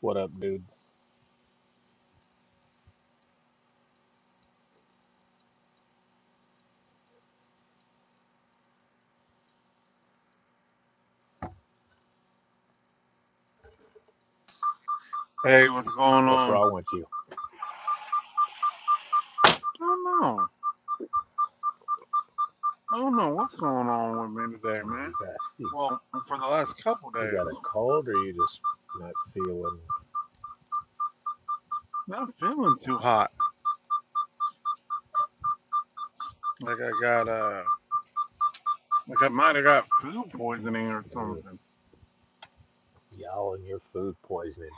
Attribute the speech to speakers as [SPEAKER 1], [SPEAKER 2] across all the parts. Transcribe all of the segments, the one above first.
[SPEAKER 1] What up, dude?
[SPEAKER 2] Hey, what's going
[SPEAKER 1] What's
[SPEAKER 2] on?
[SPEAKER 1] wrong
[SPEAKER 2] I
[SPEAKER 1] with you?
[SPEAKER 2] don't know. I don't know what's going on with me today,
[SPEAKER 1] I mean,
[SPEAKER 2] man.
[SPEAKER 1] you got you,
[SPEAKER 2] Well, for the last couple
[SPEAKER 1] you
[SPEAKER 2] days,
[SPEAKER 1] got a cold, or you just not feeling?
[SPEAKER 2] not feeling too hot. Like I got uh, like I might have got food poisoning or
[SPEAKER 1] Ugh,
[SPEAKER 2] something.
[SPEAKER 1] y'all and your food poisoning.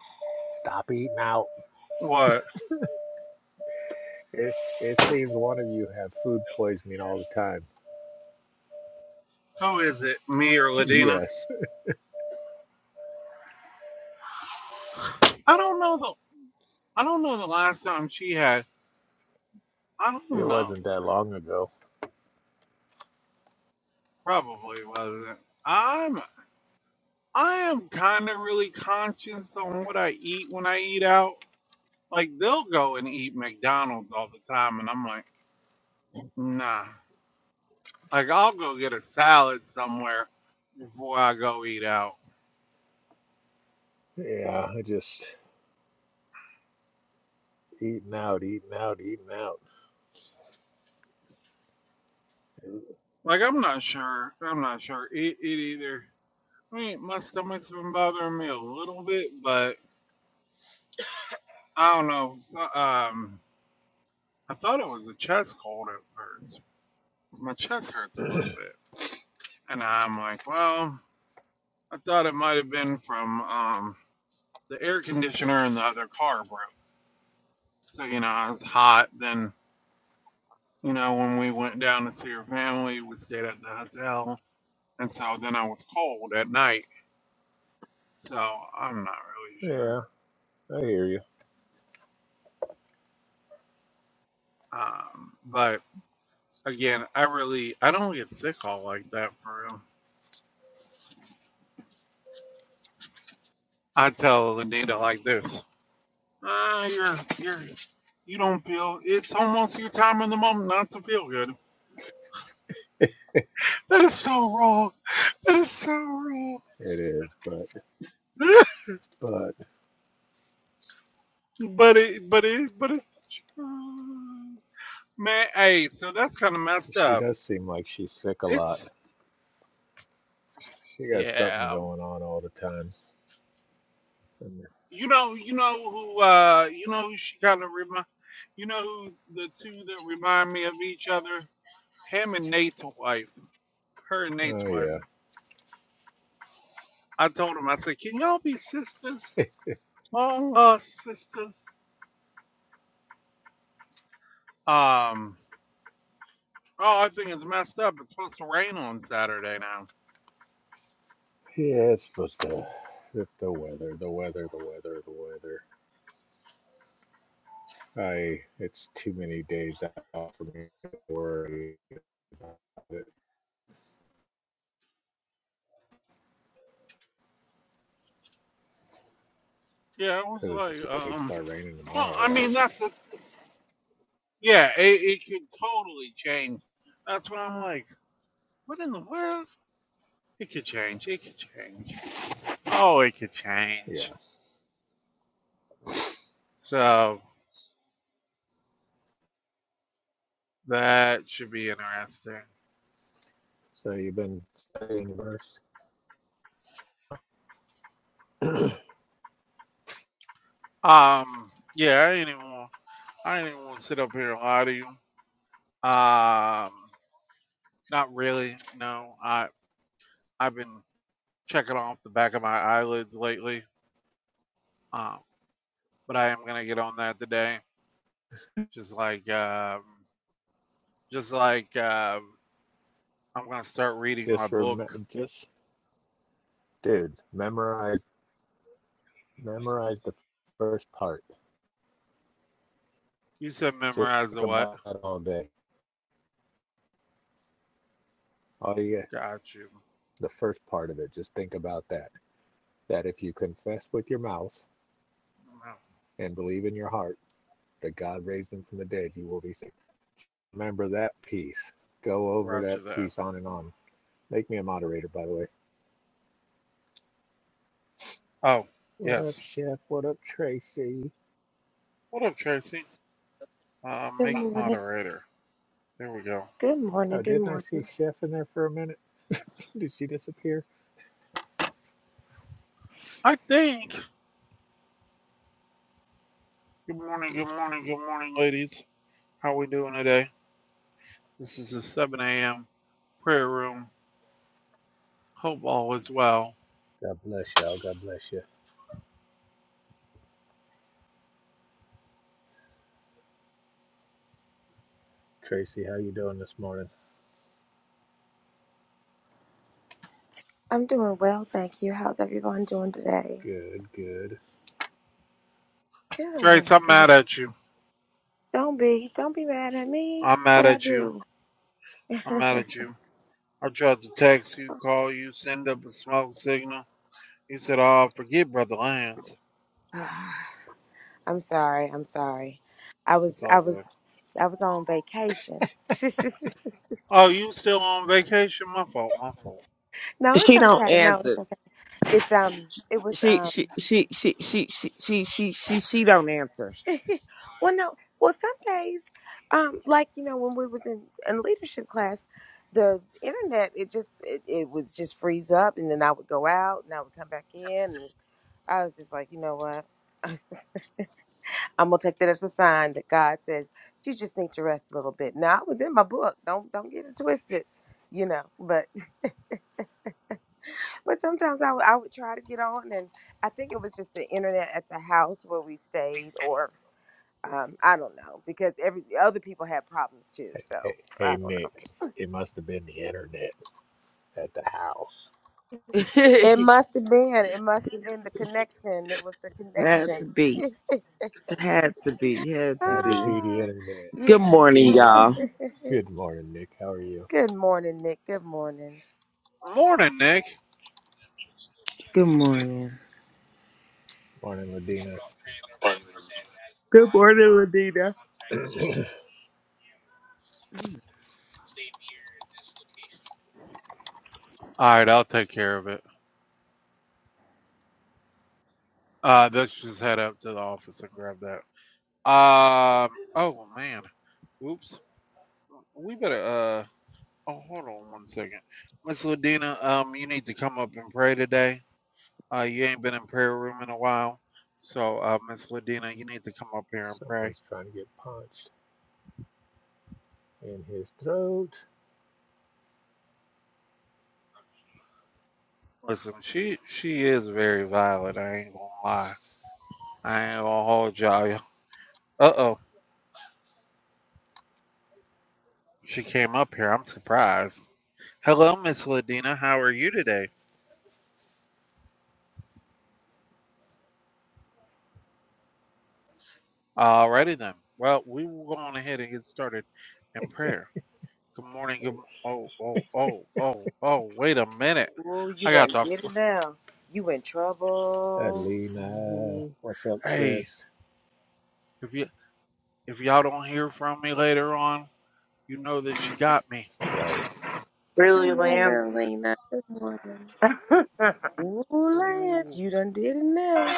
[SPEAKER 1] Stop eating out.
[SPEAKER 2] What?
[SPEAKER 1] It, it seems one of you have food poisoning all the time.
[SPEAKER 2] Who is it? Me or Ladina?
[SPEAKER 1] Yes,
[SPEAKER 2] I don't know the. I don't know the last time she had. I don't
[SPEAKER 1] it
[SPEAKER 2] know.
[SPEAKER 1] wasn't that long ago.
[SPEAKER 2] Probably wasn't. I'm. I am kind of really conscious on what I eat when I eat out. Like they'll go and eat McDonald's all the time, and I'm like. Nah. Like I'll go get a salad somewhere before I go eat out.
[SPEAKER 1] Yeah, I just eating out, eating out, eating out.
[SPEAKER 2] Like I'm not sure. I'm not sure it, it either. I mean, my stomach's been bothering me a little bit, but I don't know. So, um, I thought it was a chest cold at first. So my chest hurts a little bit, and I'm like, well, I thought it might have been from um the air conditioner in the other car broke. So you know, I was hot. Then you know, when we went down to see her family, we stayed at the hotel And so then I was cold at night. So I'm not really sure.
[SPEAKER 1] Yeah, I hear you.
[SPEAKER 2] Um, but again, I really I don't get sick all like that for real. I tell Anita like this. Ah, you're you're you don't feel it's almost your time in the moment not to feel good. That is so wrong. That is so wrong.
[SPEAKER 1] It is, but but
[SPEAKER 2] but it but it but it's true. Man, hey, so that's kinda messed
[SPEAKER 1] she
[SPEAKER 2] up.
[SPEAKER 1] does seem like she's sick a lot.
[SPEAKER 2] It's
[SPEAKER 1] She got something
[SPEAKER 2] yeah.
[SPEAKER 1] going on all the time. And-
[SPEAKER 2] You know, you know who, uh, you know who she kind of remind, you know who the two that remind me of each other, him and Nate's wife, her and Nate's
[SPEAKER 1] Oh
[SPEAKER 2] wife.
[SPEAKER 1] yeah.
[SPEAKER 2] I told him, I said, can y'all be sisters, long lost sisters? Um, oh, I think it's messed up. It's supposed to rain on Saturday now.
[SPEAKER 1] Yeah, it's supposed to. The, the weather, the weather, the weather, the weather. I. It's too many days out for me to worry about it
[SPEAKER 2] Yeah, it was
[SPEAKER 1] because it's
[SPEAKER 2] like,
[SPEAKER 1] supposed to like,
[SPEAKER 2] um,
[SPEAKER 1] start raining
[SPEAKER 2] well,
[SPEAKER 1] tomorrow,
[SPEAKER 2] I
[SPEAKER 1] right?
[SPEAKER 2] mean, that's a, yeah, it, it could totally change. That's what I'm like. What in the world? It could change. It could change. Oh, it could change.
[SPEAKER 1] Yeah.
[SPEAKER 2] So that should be interesting.
[SPEAKER 1] So you've been studying verse.
[SPEAKER 2] Um, yeah, I ain't even want, I ain't even want to sit up here and lie to you. Um, not really. No, I I've been checking off the back of my eyelids lately. Um, but I am gonna get on that today. Just like um, just like um, I'm gonna start reading my
[SPEAKER 1] just remember,
[SPEAKER 2] book.
[SPEAKER 1] just dude, memorize, memorize the first part.
[SPEAKER 2] You said
[SPEAKER 1] Just
[SPEAKER 2] memorize the
[SPEAKER 1] think
[SPEAKER 2] what?
[SPEAKER 1] about that all day. All you get,
[SPEAKER 2] Got you.
[SPEAKER 1] the first part of it. Just think about that. That if you confess with your mouth
[SPEAKER 2] No,
[SPEAKER 1] and believe in your heart that God raised him from the dead, you will be saved. Remember that piece. Go over
[SPEAKER 2] Roger
[SPEAKER 1] that
[SPEAKER 2] that.
[SPEAKER 1] piece on and on. Make me a moderator, by the way.
[SPEAKER 2] Oh
[SPEAKER 1] What up,
[SPEAKER 2] yes.
[SPEAKER 1] Chef? What up, Tracy?
[SPEAKER 2] What up, Tracy? Uh,
[SPEAKER 3] Good
[SPEAKER 2] make
[SPEAKER 3] morning.
[SPEAKER 2] moderator. There we go.
[SPEAKER 3] Good morning.
[SPEAKER 1] Oh,
[SPEAKER 3] Good
[SPEAKER 1] didn't I see
[SPEAKER 3] morning.
[SPEAKER 1] Chef in there for a minute? Did she disappear?
[SPEAKER 2] I think. Good morning, good morning, good morning, ladies. How we doing today? This is the 7 a.m. prayer room. Hope all is well.
[SPEAKER 1] God bless y'all. God bless you. Tracy, how you doing this morning?
[SPEAKER 3] I'm doing well, thank you. How's everyone doing today?
[SPEAKER 1] Good, good.
[SPEAKER 2] Trace,
[SPEAKER 3] Good.
[SPEAKER 2] I'm
[SPEAKER 3] Good.
[SPEAKER 2] mad at you.
[SPEAKER 3] Don't be. Don't be mad at me.
[SPEAKER 2] I'm mad
[SPEAKER 3] What I
[SPEAKER 2] at you.
[SPEAKER 3] do?
[SPEAKER 2] I'm mad at you. I tried to text you, call you, send up a smoke signal. You said, oh, forget Brother Lance.
[SPEAKER 3] Ah, I'm sorry. I'm sorry. I was.
[SPEAKER 2] It's
[SPEAKER 3] I
[SPEAKER 2] all
[SPEAKER 3] was.
[SPEAKER 2] good.
[SPEAKER 3] I was on vacation.
[SPEAKER 2] Oh, you still on vacation? My fault, my fault.
[SPEAKER 3] no, it's
[SPEAKER 4] She don't
[SPEAKER 3] okay. No, it's
[SPEAKER 4] answer.
[SPEAKER 3] okay. It's um. It was
[SPEAKER 4] She
[SPEAKER 3] um.
[SPEAKER 4] she she she she she she she she, she don't answer.
[SPEAKER 3] well, no. Well, some days, um, like you know, when we was in in leadership class, the internet it just it, it would just freeze up, and then I would go out, and I would come back in, and I was just like, you know what, I'm gonna take that as a sign that God says you just need to rest a little bit. Now I was in my book, don't don't get it twisted, you know. But but sometimes I would I would try to get on, and I think it was just the internet at the house where we stayed, or Um, I don't know because every other people had problems too.
[SPEAKER 1] Hey,
[SPEAKER 3] So
[SPEAKER 1] hey
[SPEAKER 3] I don't know.
[SPEAKER 1] Nick. It must have been the internet at the house.
[SPEAKER 3] It must have been. It must have been the connection. It was the
[SPEAKER 4] Had to
[SPEAKER 3] connection.
[SPEAKER 4] be. Had to be. Had to
[SPEAKER 1] Had to
[SPEAKER 4] be.
[SPEAKER 1] be the
[SPEAKER 3] ah,
[SPEAKER 1] internet.
[SPEAKER 3] yeah.
[SPEAKER 4] Good morning, y'all.
[SPEAKER 1] Good morning, Nick. How are you?
[SPEAKER 3] Good morning, Nick. Good morning.
[SPEAKER 2] Morning, Nick.
[SPEAKER 4] Good morning.
[SPEAKER 1] Morning, Ladina.
[SPEAKER 4] Good morning, Ladina.
[SPEAKER 2] All right, I'll take care of it. Uh, let's just head up to the office and grab that. Um. Oh man. Oops. We better. Uh. Oh, hold on one second, Miss Ladina. Um, you need to come up and pray today. Uh, you ain't been in prayer room in a while, so uh, Miss Ladina, you need to come up here and pray.
[SPEAKER 1] Someone's trying to get punched in his throat.
[SPEAKER 2] Listen, she she is very violent. I ain't gonna lie. I ain't gonna hold y'all. Uh oh. She came up here. I'm surprised. Hello, Miss Ladina. How are you today? Alrighty then. Well, we will go on ahead and get started in prayer. Good morning. Good. mo- Oh, oh, oh, oh, oh. Wait a minute.
[SPEAKER 3] Oh, you
[SPEAKER 2] I
[SPEAKER 3] done
[SPEAKER 2] got the.
[SPEAKER 3] did
[SPEAKER 2] fr-
[SPEAKER 3] it now. You in trouble.
[SPEAKER 1] Alina,
[SPEAKER 2] Ooh.
[SPEAKER 1] what's up,
[SPEAKER 2] Hey,
[SPEAKER 1] sis?
[SPEAKER 2] if you if y'all don't hear from me later on, you know that she got me.
[SPEAKER 1] Right.
[SPEAKER 3] Good
[SPEAKER 5] Really,
[SPEAKER 3] morning,
[SPEAKER 5] Lance?
[SPEAKER 3] Lena. Good morning. Ooh, Lance,
[SPEAKER 2] Ooh.
[SPEAKER 3] you done did it now.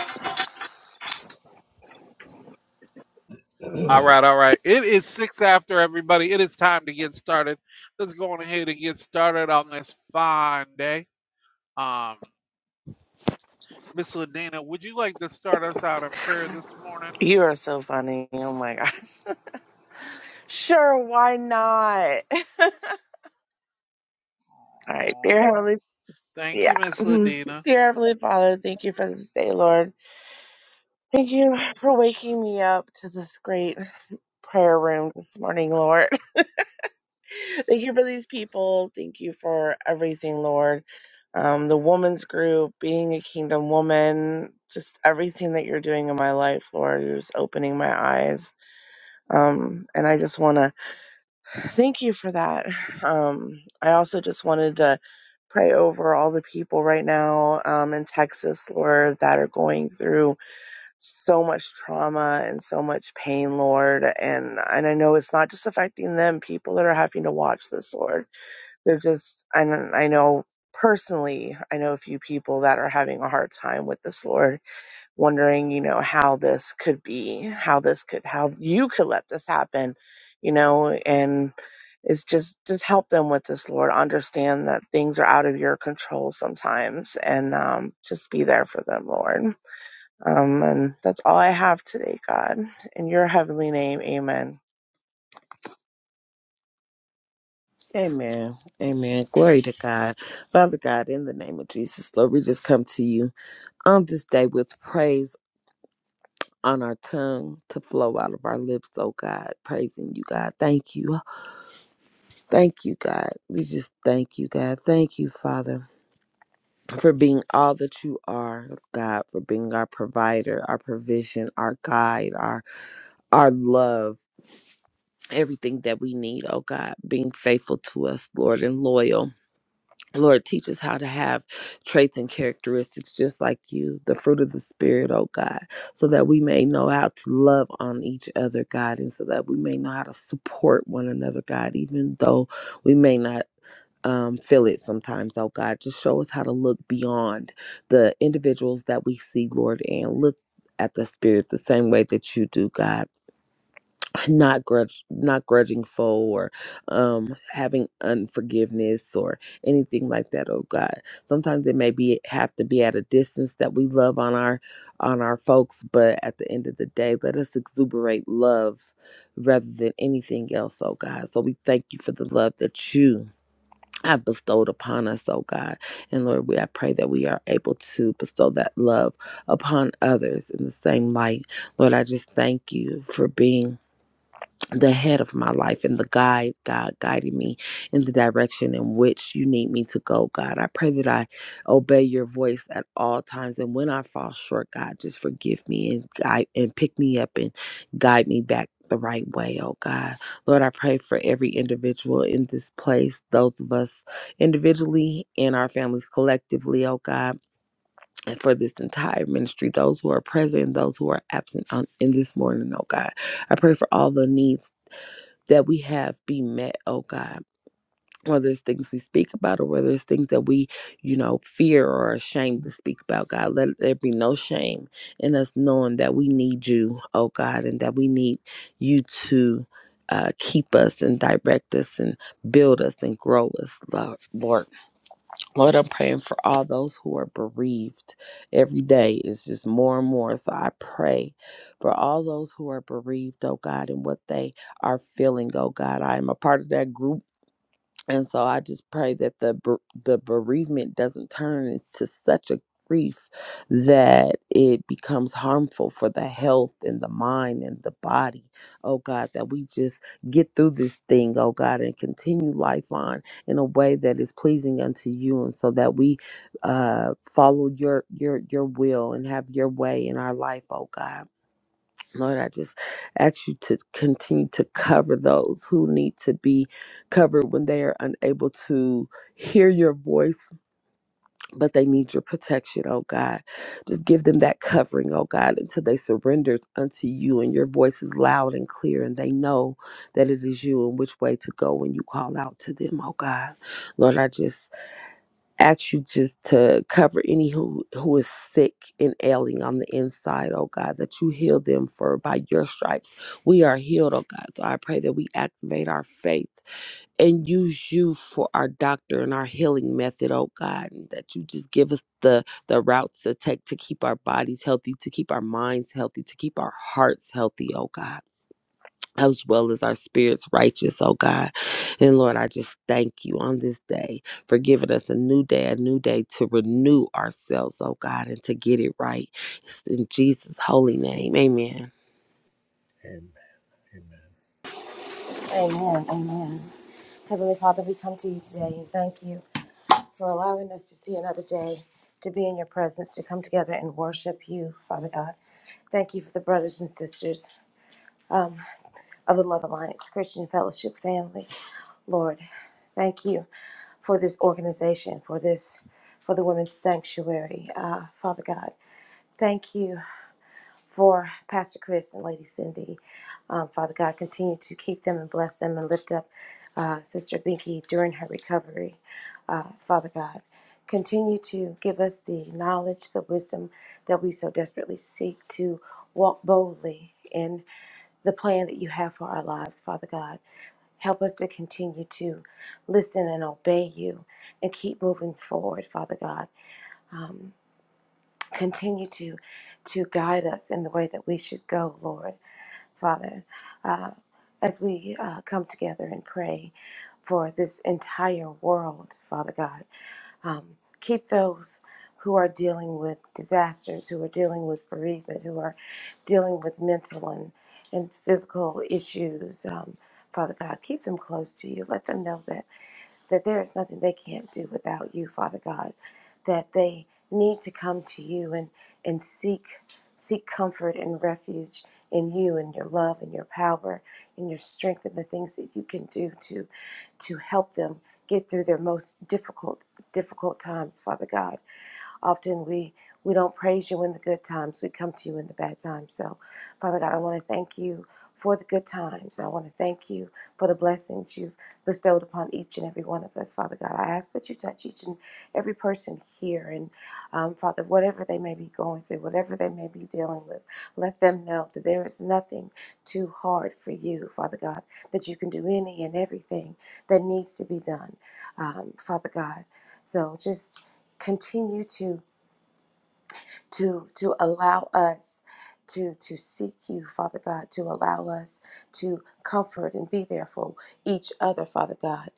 [SPEAKER 2] All
[SPEAKER 1] Amen.
[SPEAKER 2] right, all right. It is six after everybody. It is time to get started. Let's go on ahead and get started on this fine day. Um, Miss Ladina, would you like to start us out in prayer this morning?
[SPEAKER 5] You are so funny. Oh my God. Sure, why not? All right, dear Heavenly
[SPEAKER 2] Thank you,
[SPEAKER 5] Yeah.
[SPEAKER 2] Miss
[SPEAKER 5] Mhm.
[SPEAKER 2] Ladina.
[SPEAKER 5] Dear Heavenly Father, thank you for this day, Lord. Thank you for waking me up to this great prayer room this morning, Lord. Thank you for these people. Thank you for everything, Lord. Um, the woman's group, being a kingdom woman, just everything that you're doing in my life, Lord. You're just opening my eyes. Um, and I just want to Thank you for that. Um, I also just wanted to pray over all the people right now um, in Texas, Lord, that are going through so much trauma and so much pain, Lord. And and I know it's not just affecting them. People that are having to watch this, Lord, they're just. And I know personally, I know a few people that are having a hard time with this, Lord wondering, you know, how this could be, how this could, how you could let this happen, you know, and it's just, just help them with this, Lord. Understand that things are out of your control sometimes and um, just be there for them, Lord. Um, and that's all I have today, God. In your heavenly name, amen.
[SPEAKER 4] Amen. Amen. Glory to God. Father God, in the name of Jesus, Lord, we just come to you on this day with praise on our tongue to flow out of our lips, oh God. Praising you, God. Thank you. Thank you, God. We just thank you, God. Thank you, Father. for being all that you are, God, for being our provider, our provision, our guide, our our love, everything that we need, oh God, being faithful to us, Lord, and loyal. Lord, teach us how to have traits and characteristics just like you, the fruit of the Spirit, oh God, so that we may know how to love on each other, God, and so that we may know how to support one another, God, even though we may not um, feel it sometimes, oh God. Just show us how to look beyond the individuals that we see, Lord, and look at the spirit the same way that you do, God. Not grudge, not grudging foe or um, having unforgiveness or anything like that, oh God. Sometimes it may be have to be at a distance that we love on our on our folks, but at the end of the day, let us exuberate love rather than anything else, oh God. So we thank you for the love that you have bestowed upon us, oh God. And Lord, we I pray that we are able to bestow that love upon others in the same light. Lord, I just thank you for being the head of my life and the guide, God guiding me in the direction in which you need me to go, God. I pray that I obey your voice at all times. And when I fall short, God, just forgive me and guide and pick me up and guide me back the right way, oh God. Lord, I pray for every individual in this place, those of us individually and our families collectively, oh God. And for this entire ministry, those who are present, those who are absent on, in this morning, oh God. I pray for all the needs that we have be met, oh God. Whether it's things we speak about or whether it's things that we, you know, fear or are ashamed to speak about, God, let there be no shame in us knowing that we need you, oh God, and that we need you to uh, keep us and direct us and build us and grow us, Lord. Lord, I'm praying for all those who are bereaved. Every day is just more and more. So I pray for all those who are bereaved, oh God, and what they are feeling, oh God. I am a part of that group and so I just pray that the ber- the bereavement doesn't turn into such a grief that it becomes harmful for the health and the mind and the body. Oh God, that we just get through this thing, oh God, and continue life on in a way that is pleasing unto you and so that we uh follow your your your will and have your way in our life, oh God. Lord, I just ask you to continue to cover those who need to be covered when they are unable to hear your voice, but they need your protection, oh God. Just give them that covering, oh God, until they surrender unto you and your voice is loud and clear and they know that it is you and which way to go when you call out to them, oh God. Lord, I just ask you just to cover any who who is sick and ailing on the inside oh god that you heal them for by your stripes we are healed oh god so i pray that we activate our faith and use you for our doctor and our healing method oh god and that you just give us the the routes to take to keep our bodies healthy to keep our minds healthy to keep our hearts healthy oh god as well as our spirits righteous, oh God. And Lord, I just thank you on this day for giving us a new day, a new day to renew ourselves, oh God, and to get it right. It's in Jesus' holy name. Amen.
[SPEAKER 1] amen.
[SPEAKER 3] Amen. Amen. Heavenly Father, we come to you today and thank you. for allowing us to see another day, to be in your presence, to come together and worship you, Father God. Thank you for the brothers and sisters um, of the Love Alliance Christian Fellowship family, Lord. Thank you for this organization, for this, for the Women's Sanctuary, uh, Father God. Thank you for Pastor Chris and Lady Cindy. Um, Father God, continue to keep them and bless them and lift up uh, Sister Binky during her recovery. Uh, Father God, continue to give us the knowledge, the wisdom that we so desperately seek to walk boldly in the plan that you have for our lives, Father God. Help us to continue to listen and obey you and keep moving forward, Father God. Um, continue to to guide us in the way that we should go, Lord Father, uh, as we uh, come together and pray for this entire world, Father God, um, keep those who are dealing with disasters, who are dealing with bereavement, who are dealing with mental and, and physical issues, um, Father God, keep them close to you. Let them know that that there is nothing they can't do without you, Father God, that they need to come to you and, and seek seek comfort and refuge in you and your love and your power and your strength and the things that you can do to to help them get through their most difficult difficult times, Father God. Often we we don't praise you in the good times. We come to you in the bad times. So, Father God, I want to thank you for the good times. I want to thank you for the blessings you've bestowed upon each and every one of us, Father God. I ask that you touch each and every person here. And um, Father, whatever they may be going through, whatever they may be dealing with, let them know that there is nothing too hard for you, Father God, that you can do any and everything that needs to be done, um, Father God. So just continue to to to allow us to to seek you, Father God, to allow us to comfort and be there for each other, Father God.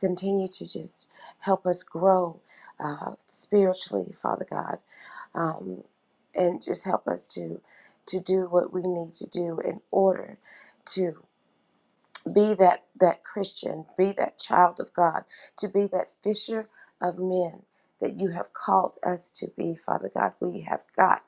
[SPEAKER 3] Continue to just help us grow uh, spiritually, Father God, um, and just help us to to do what we need to do in order to be that that christian be that child of god to be that fisher of men that you have called us to be father god we have got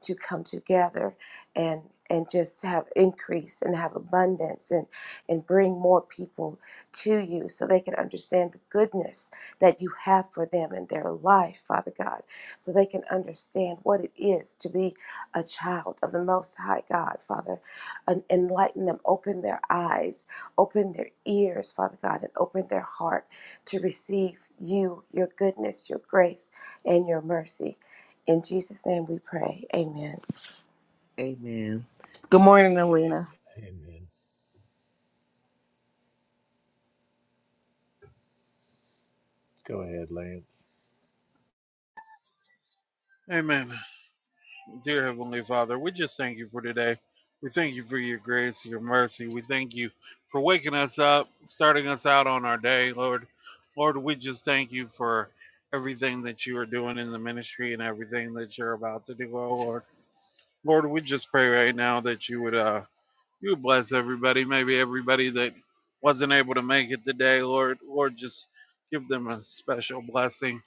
[SPEAKER 3] to come together and and just have increase and have abundance and and bring more people to you so they can understand the goodness that you have for them in their life father god so they can understand what it is to be a child of the most high god father and enlighten them open their eyes Open their ears, Father God, and open their heart to receive you, your goodness, your grace, and your mercy. In Jesus' name we pray. Amen.
[SPEAKER 4] Amen. Good morning, Alina.
[SPEAKER 1] Amen. Go ahead, Lance.
[SPEAKER 2] Amen. Dear Heavenly Father, we just thank you for today. We thank you for your grace, your mercy. We thank you for waking us up, starting us out on our day, Lord. Lord, we just thank you for everything that you are doing in the ministry and everything that you're about to do, oh Lord. Lord, we just pray right now that you would uh you would bless everybody, maybe everybody that wasn't able to make it today, Lord. Lord, just give them a special blessing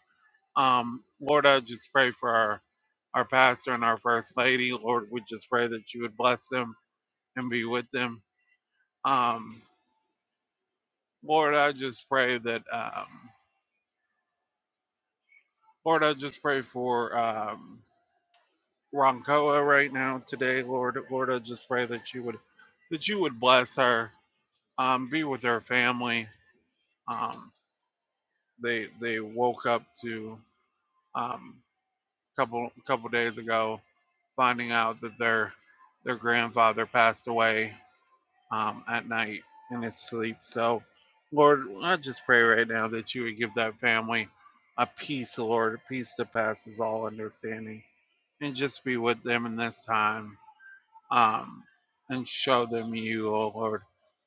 [SPEAKER 2] Um, Lord, I just pray for our, our pastor and our first lady. Lord, we just pray that you would bless them and be with them. Um, Lord, I just pray that, um, Lord, I just pray for um, Roncoa right now today, Lord. Lord, I just pray that you would, that you would bless her, um, be with her family. Um, they they woke up to um, couple couple days ago, finding out that their their grandfather passed away um, at night in his sleep. So, Lord, I just pray right now that you would give that family a peace, Lord, a peace that passes all understanding, and just be with them in this time um, and show them you, oh Lord.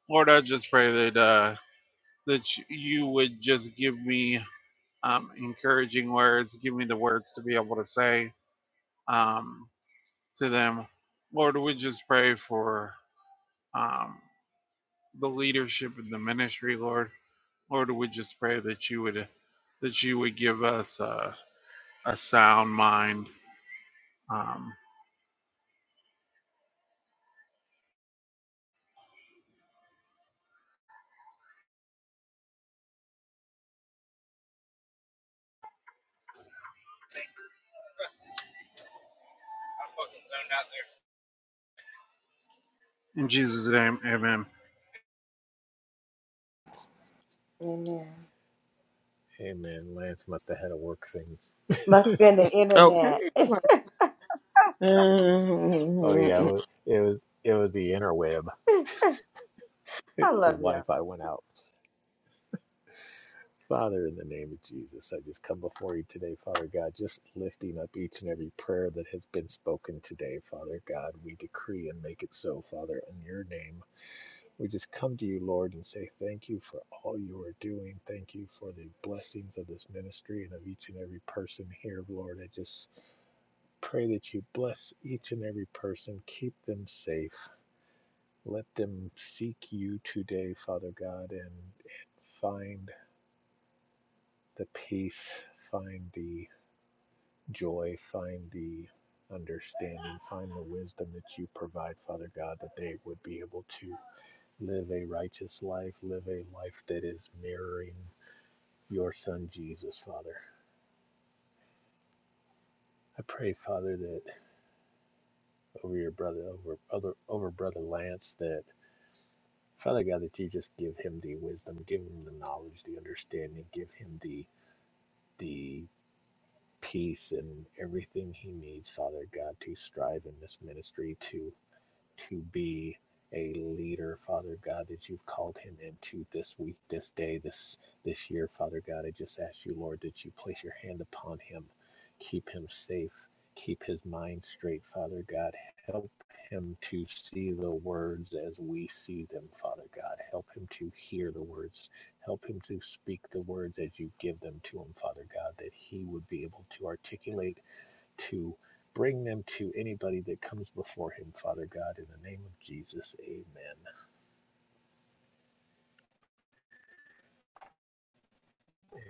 [SPEAKER 2] Lord, I just pray that uh, that you would just give me um, encouraging words, give me the words to be able to say um, to them. Lord, we just pray for. Um, the leadership in the ministry, Lord. Lord, we just pray that you would that you would give us a, a sound mind. Um, in Jesus' name, amen.
[SPEAKER 3] Amen.
[SPEAKER 1] Amen. Lance must have had a work thing.
[SPEAKER 3] Must be in the
[SPEAKER 4] Okay.
[SPEAKER 3] internet. I
[SPEAKER 1] Oh yeah, it wa- it was it was the interweb. His
[SPEAKER 3] love y'all.
[SPEAKER 1] Wi-Fi went out. Father, in the name of Jesus, I just come before you today, Father God, just lifting up each and every prayer that has been spoken today, Father God. We decree and make it so, Father, in your name. We just come to you, Lord, and say thank you for all you are doing. Thank you for the blessings of this ministry and of each and every person here, Lord. I just pray that you bless each and every person, keep them safe. Let them seek you today, Father God, and, and find the peace, find the joy, find the understanding, find the wisdom that you provide, Father God, that they would be able to live a righteous life, live a life that is mirroring your son Jesus, Father. I pray, Father, that over your brother, over other, over brother Lance, that Father God, that you just give him the wisdom, give him the knowledge, the understanding, give him the the peace and everything he needs, Father God, to strive in this ministry, to. to be a leader, Father God, that you've called him into this week, this day, this this year, Father God. I just ask you, Lord, that you place your hand upon him, keep him safe, keep his mind straight, Father God. Help him to see the words as we see them, Father God. Help him to hear the words. Help him to speak the words as you give them to him, Father God, that he would be able to articulate to bring them to anybody that comes before him, Father God, in the name of Jesus. Amen.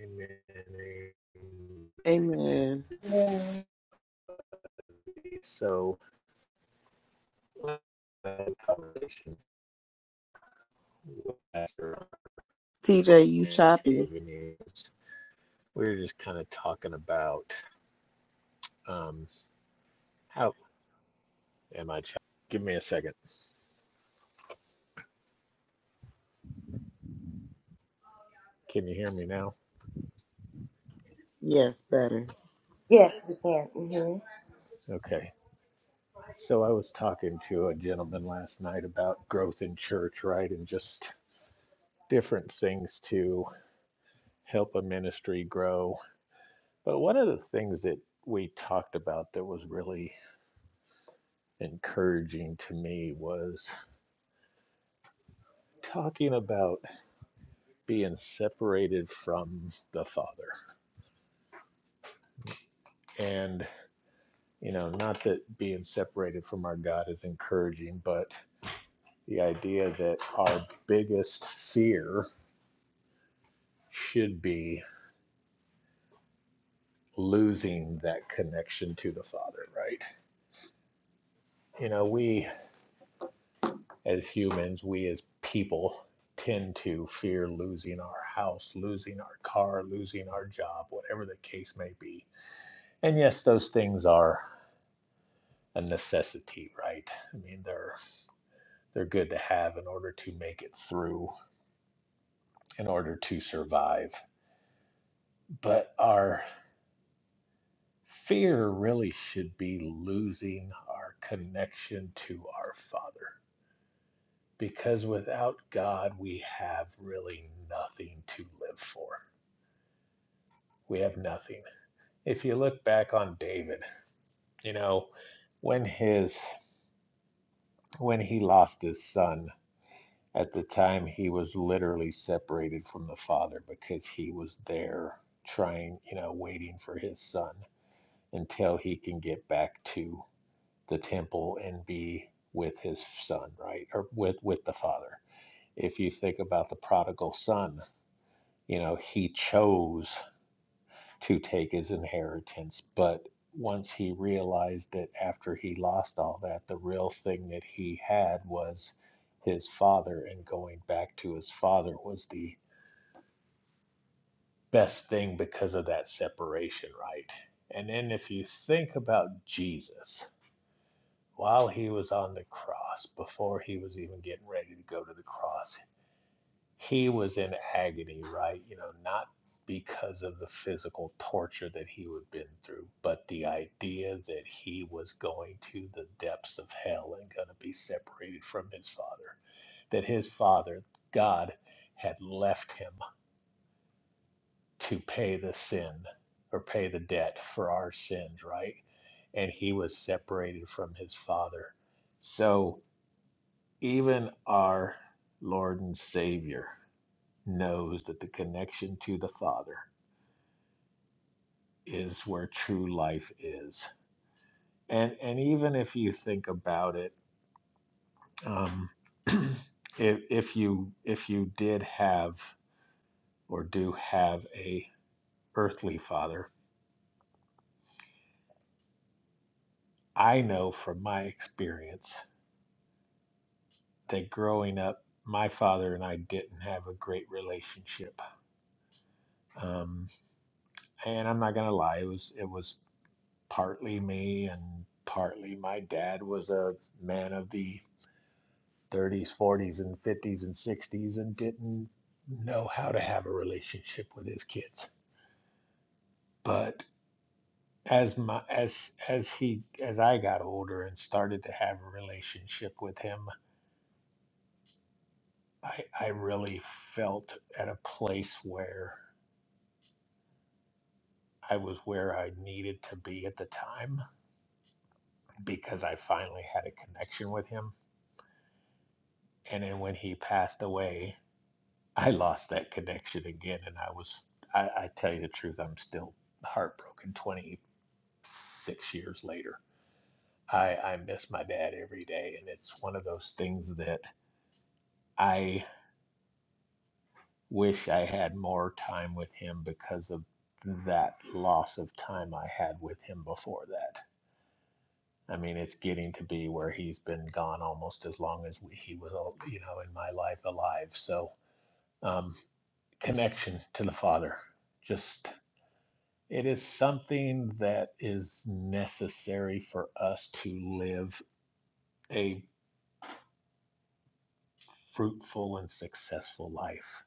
[SPEAKER 1] Amen. amen.
[SPEAKER 4] Amen.
[SPEAKER 1] So, uh, conversation with Pastor
[SPEAKER 4] TJ, you
[SPEAKER 1] and Cave
[SPEAKER 4] choppy.
[SPEAKER 1] News, we were just kind of talking about um, how am I? Ch- Give me a second. Can you hear me now?
[SPEAKER 4] Yes, better.
[SPEAKER 3] Yes, we can. hmm
[SPEAKER 1] Okay. So I was talking to a gentleman last night about growth in church, right, and just different things to. help a ministry grow. But one of the things that we talked about that was really encouraging to me was talking about being separated from the Father. And, you know, not that being separated from our God is encouraging, but the idea that our biggest fear should be losing that connection to the Father, right? You know, we as humans, we as people tend to fear losing our house, losing our car, losing our job, whatever the case may be. And yes, those things are a necessity, right? I mean, they're they're good to have in order to make it through, in order to survive. But our fear really should be losing our connection to our Father. Because without God, we have really nothing to live for. We have nothing if you look back on David, you know, when his when he lost his son, at the time he was literally separated from the father because he was there trying, you know, waiting for his son until he can get back to the temple and be with his son, right? Or with with the father. If you think about the prodigal son, you know, he chose to take his inheritance. But once he realized that after he lost all that, the real thing that he had was his father, and going back to his father was the best thing because of that separation, right? And then if you think about Jesus, while he was on the cross, before he was even getting ready to go to the cross, he was in agony, right? You know, not because of the physical torture that he had been through, but the idea that he was going to the depths of hell and going to be separated from his father, that his father, God, had left him to pay the sin or pay the debt for our sins, right? And he was separated from his father. So even our Lord and Savior knows that the connection to the Father is where true life is. And and even if you think about it, um, if if you if you did have or do have a earthly father, I know from my experience that growing up, my father and I didn't have a great relationship. Um, and I'm not gonna lie, it was it was partly me and partly my dad was a man of the 30s, 40s, and 50s and 60s and didn't know how to have a relationship with his kids. But as my as as he as I got older and started to have a relationship with him, I I really felt at a place where I was where I needed to be at the time because I finally had a connection with him. And then when he passed away, I lost that connection again and I was I, I tell you the truth, I'm still heartbroken Twenty. six years later. I, I miss my dad every day, and it's one of those things that I wish I had more time with him because of that loss of time I had with him before that. I mean, it's getting to be where he's been gone almost as long as we, he was, al- you know, in my life alive. So, um, connection to the father, just it is something that is necessary for us to live a. fruitful and successful life.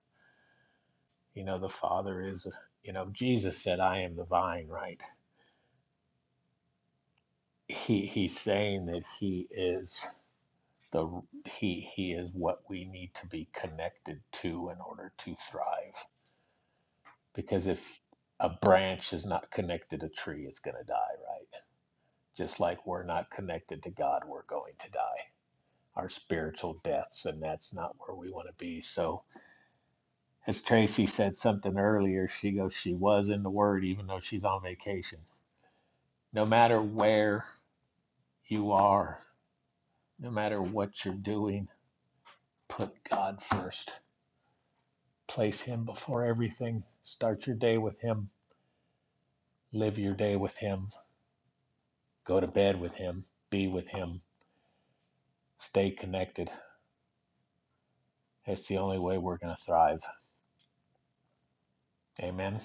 [SPEAKER 1] You know, the Father is, you know, Jesus said, I am the vine, right? He he's saying that he is the he he is what we need to be connected to in order to thrive. Because if a branch is not connected to a tree, it's gonna die, right? Just like we're not connected to God, we're going to die. Our spiritual deaths, and that's not where we want to be. So As Tracy said something earlier, she goes, she was in the Word, even though she's on vacation. No matter where you are, no matter what you're doing, put God first. Place Him before everything. Start your day with Him. Live your day with Him. Go to bed with Him. Be with Him. Stay connected. That's the only way we're going to thrive. Amen.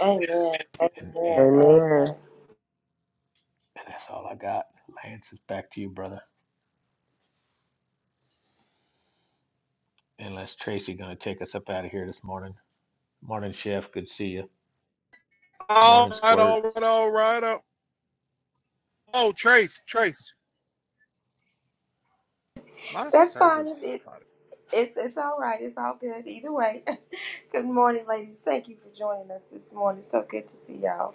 [SPEAKER 3] Amen.
[SPEAKER 1] And, and,
[SPEAKER 3] Amen. Amen.
[SPEAKER 4] Amen.
[SPEAKER 1] and that's all I got. Lance, it's back to you, brother. Unless Tracy going to take us up out of here this morning. Morning, Chef. Good to see you.
[SPEAKER 2] All
[SPEAKER 1] Morning,
[SPEAKER 2] right, all
[SPEAKER 1] Squirt.
[SPEAKER 2] right, all right. Oh, oh, Trace, Trace, my
[SPEAKER 3] That's
[SPEAKER 2] service
[SPEAKER 3] fine.
[SPEAKER 2] is spotted.
[SPEAKER 3] It's it's all right. It's all good. Either way. good morning, ladies. Thank you for joining us this morning. So good to see y'all.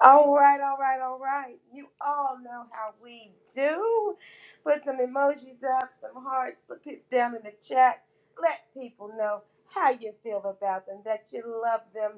[SPEAKER 3] All right, all right, all right. You all know how we do. Put some emojis up, some hearts, put it down in the chat. Let people know how you feel about them, that you love them,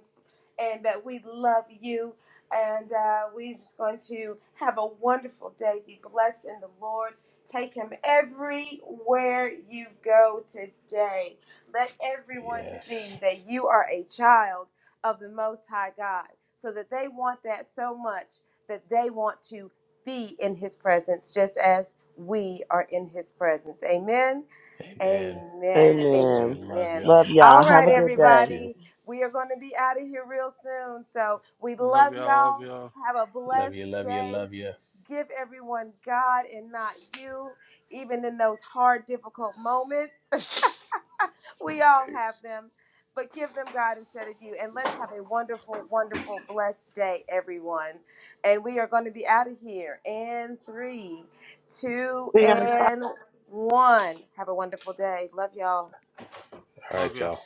[SPEAKER 3] and that we love you. And uh, we're just going to have a wonderful day. Be blessed in the Lord. Take him everywhere you go today. Let everyone
[SPEAKER 1] Yes.
[SPEAKER 3] see that you are a child of the Most High God, so that they want that so much that they want to be in his presence just as we are in his presence. Amen.
[SPEAKER 1] Amen.
[SPEAKER 3] Amen.
[SPEAKER 1] Amen.
[SPEAKER 4] Amen.
[SPEAKER 1] Love
[SPEAKER 3] Amen.
[SPEAKER 4] Love
[SPEAKER 1] y'all. Love
[SPEAKER 4] y'all.
[SPEAKER 3] All
[SPEAKER 1] you.
[SPEAKER 4] Have
[SPEAKER 3] right,
[SPEAKER 4] a
[SPEAKER 1] God
[SPEAKER 4] good day.
[SPEAKER 1] bless you.
[SPEAKER 3] everybody. We are going to be out of here real soon. So we
[SPEAKER 2] Love
[SPEAKER 3] love
[SPEAKER 2] y'all, love
[SPEAKER 3] y'all.
[SPEAKER 2] y'all,
[SPEAKER 3] Have a
[SPEAKER 1] Love you.
[SPEAKER 3] blessed
[SPEAKER 1] Love you.
[SPEAKER 3] day.
[SPEAKER 1] Love you.
[SPEAKER 3] Give everyone God and not you, even in those hard, difficult moments we all have them, but give them God instead of you. And let's have a wonderful, wonderful, blessed day, everyone. And we are going to be out of here in three, two,
[SPEAKER 5] We are.
[SPEAKER 3] and one. Have a wonderful day. Love y'all.
[SPEAKER 1] All
[SPEAKER 2] love
[SPEAKER 1] right,
[SPEAKER 2] y'all.
[SPEAKER 1] y'all.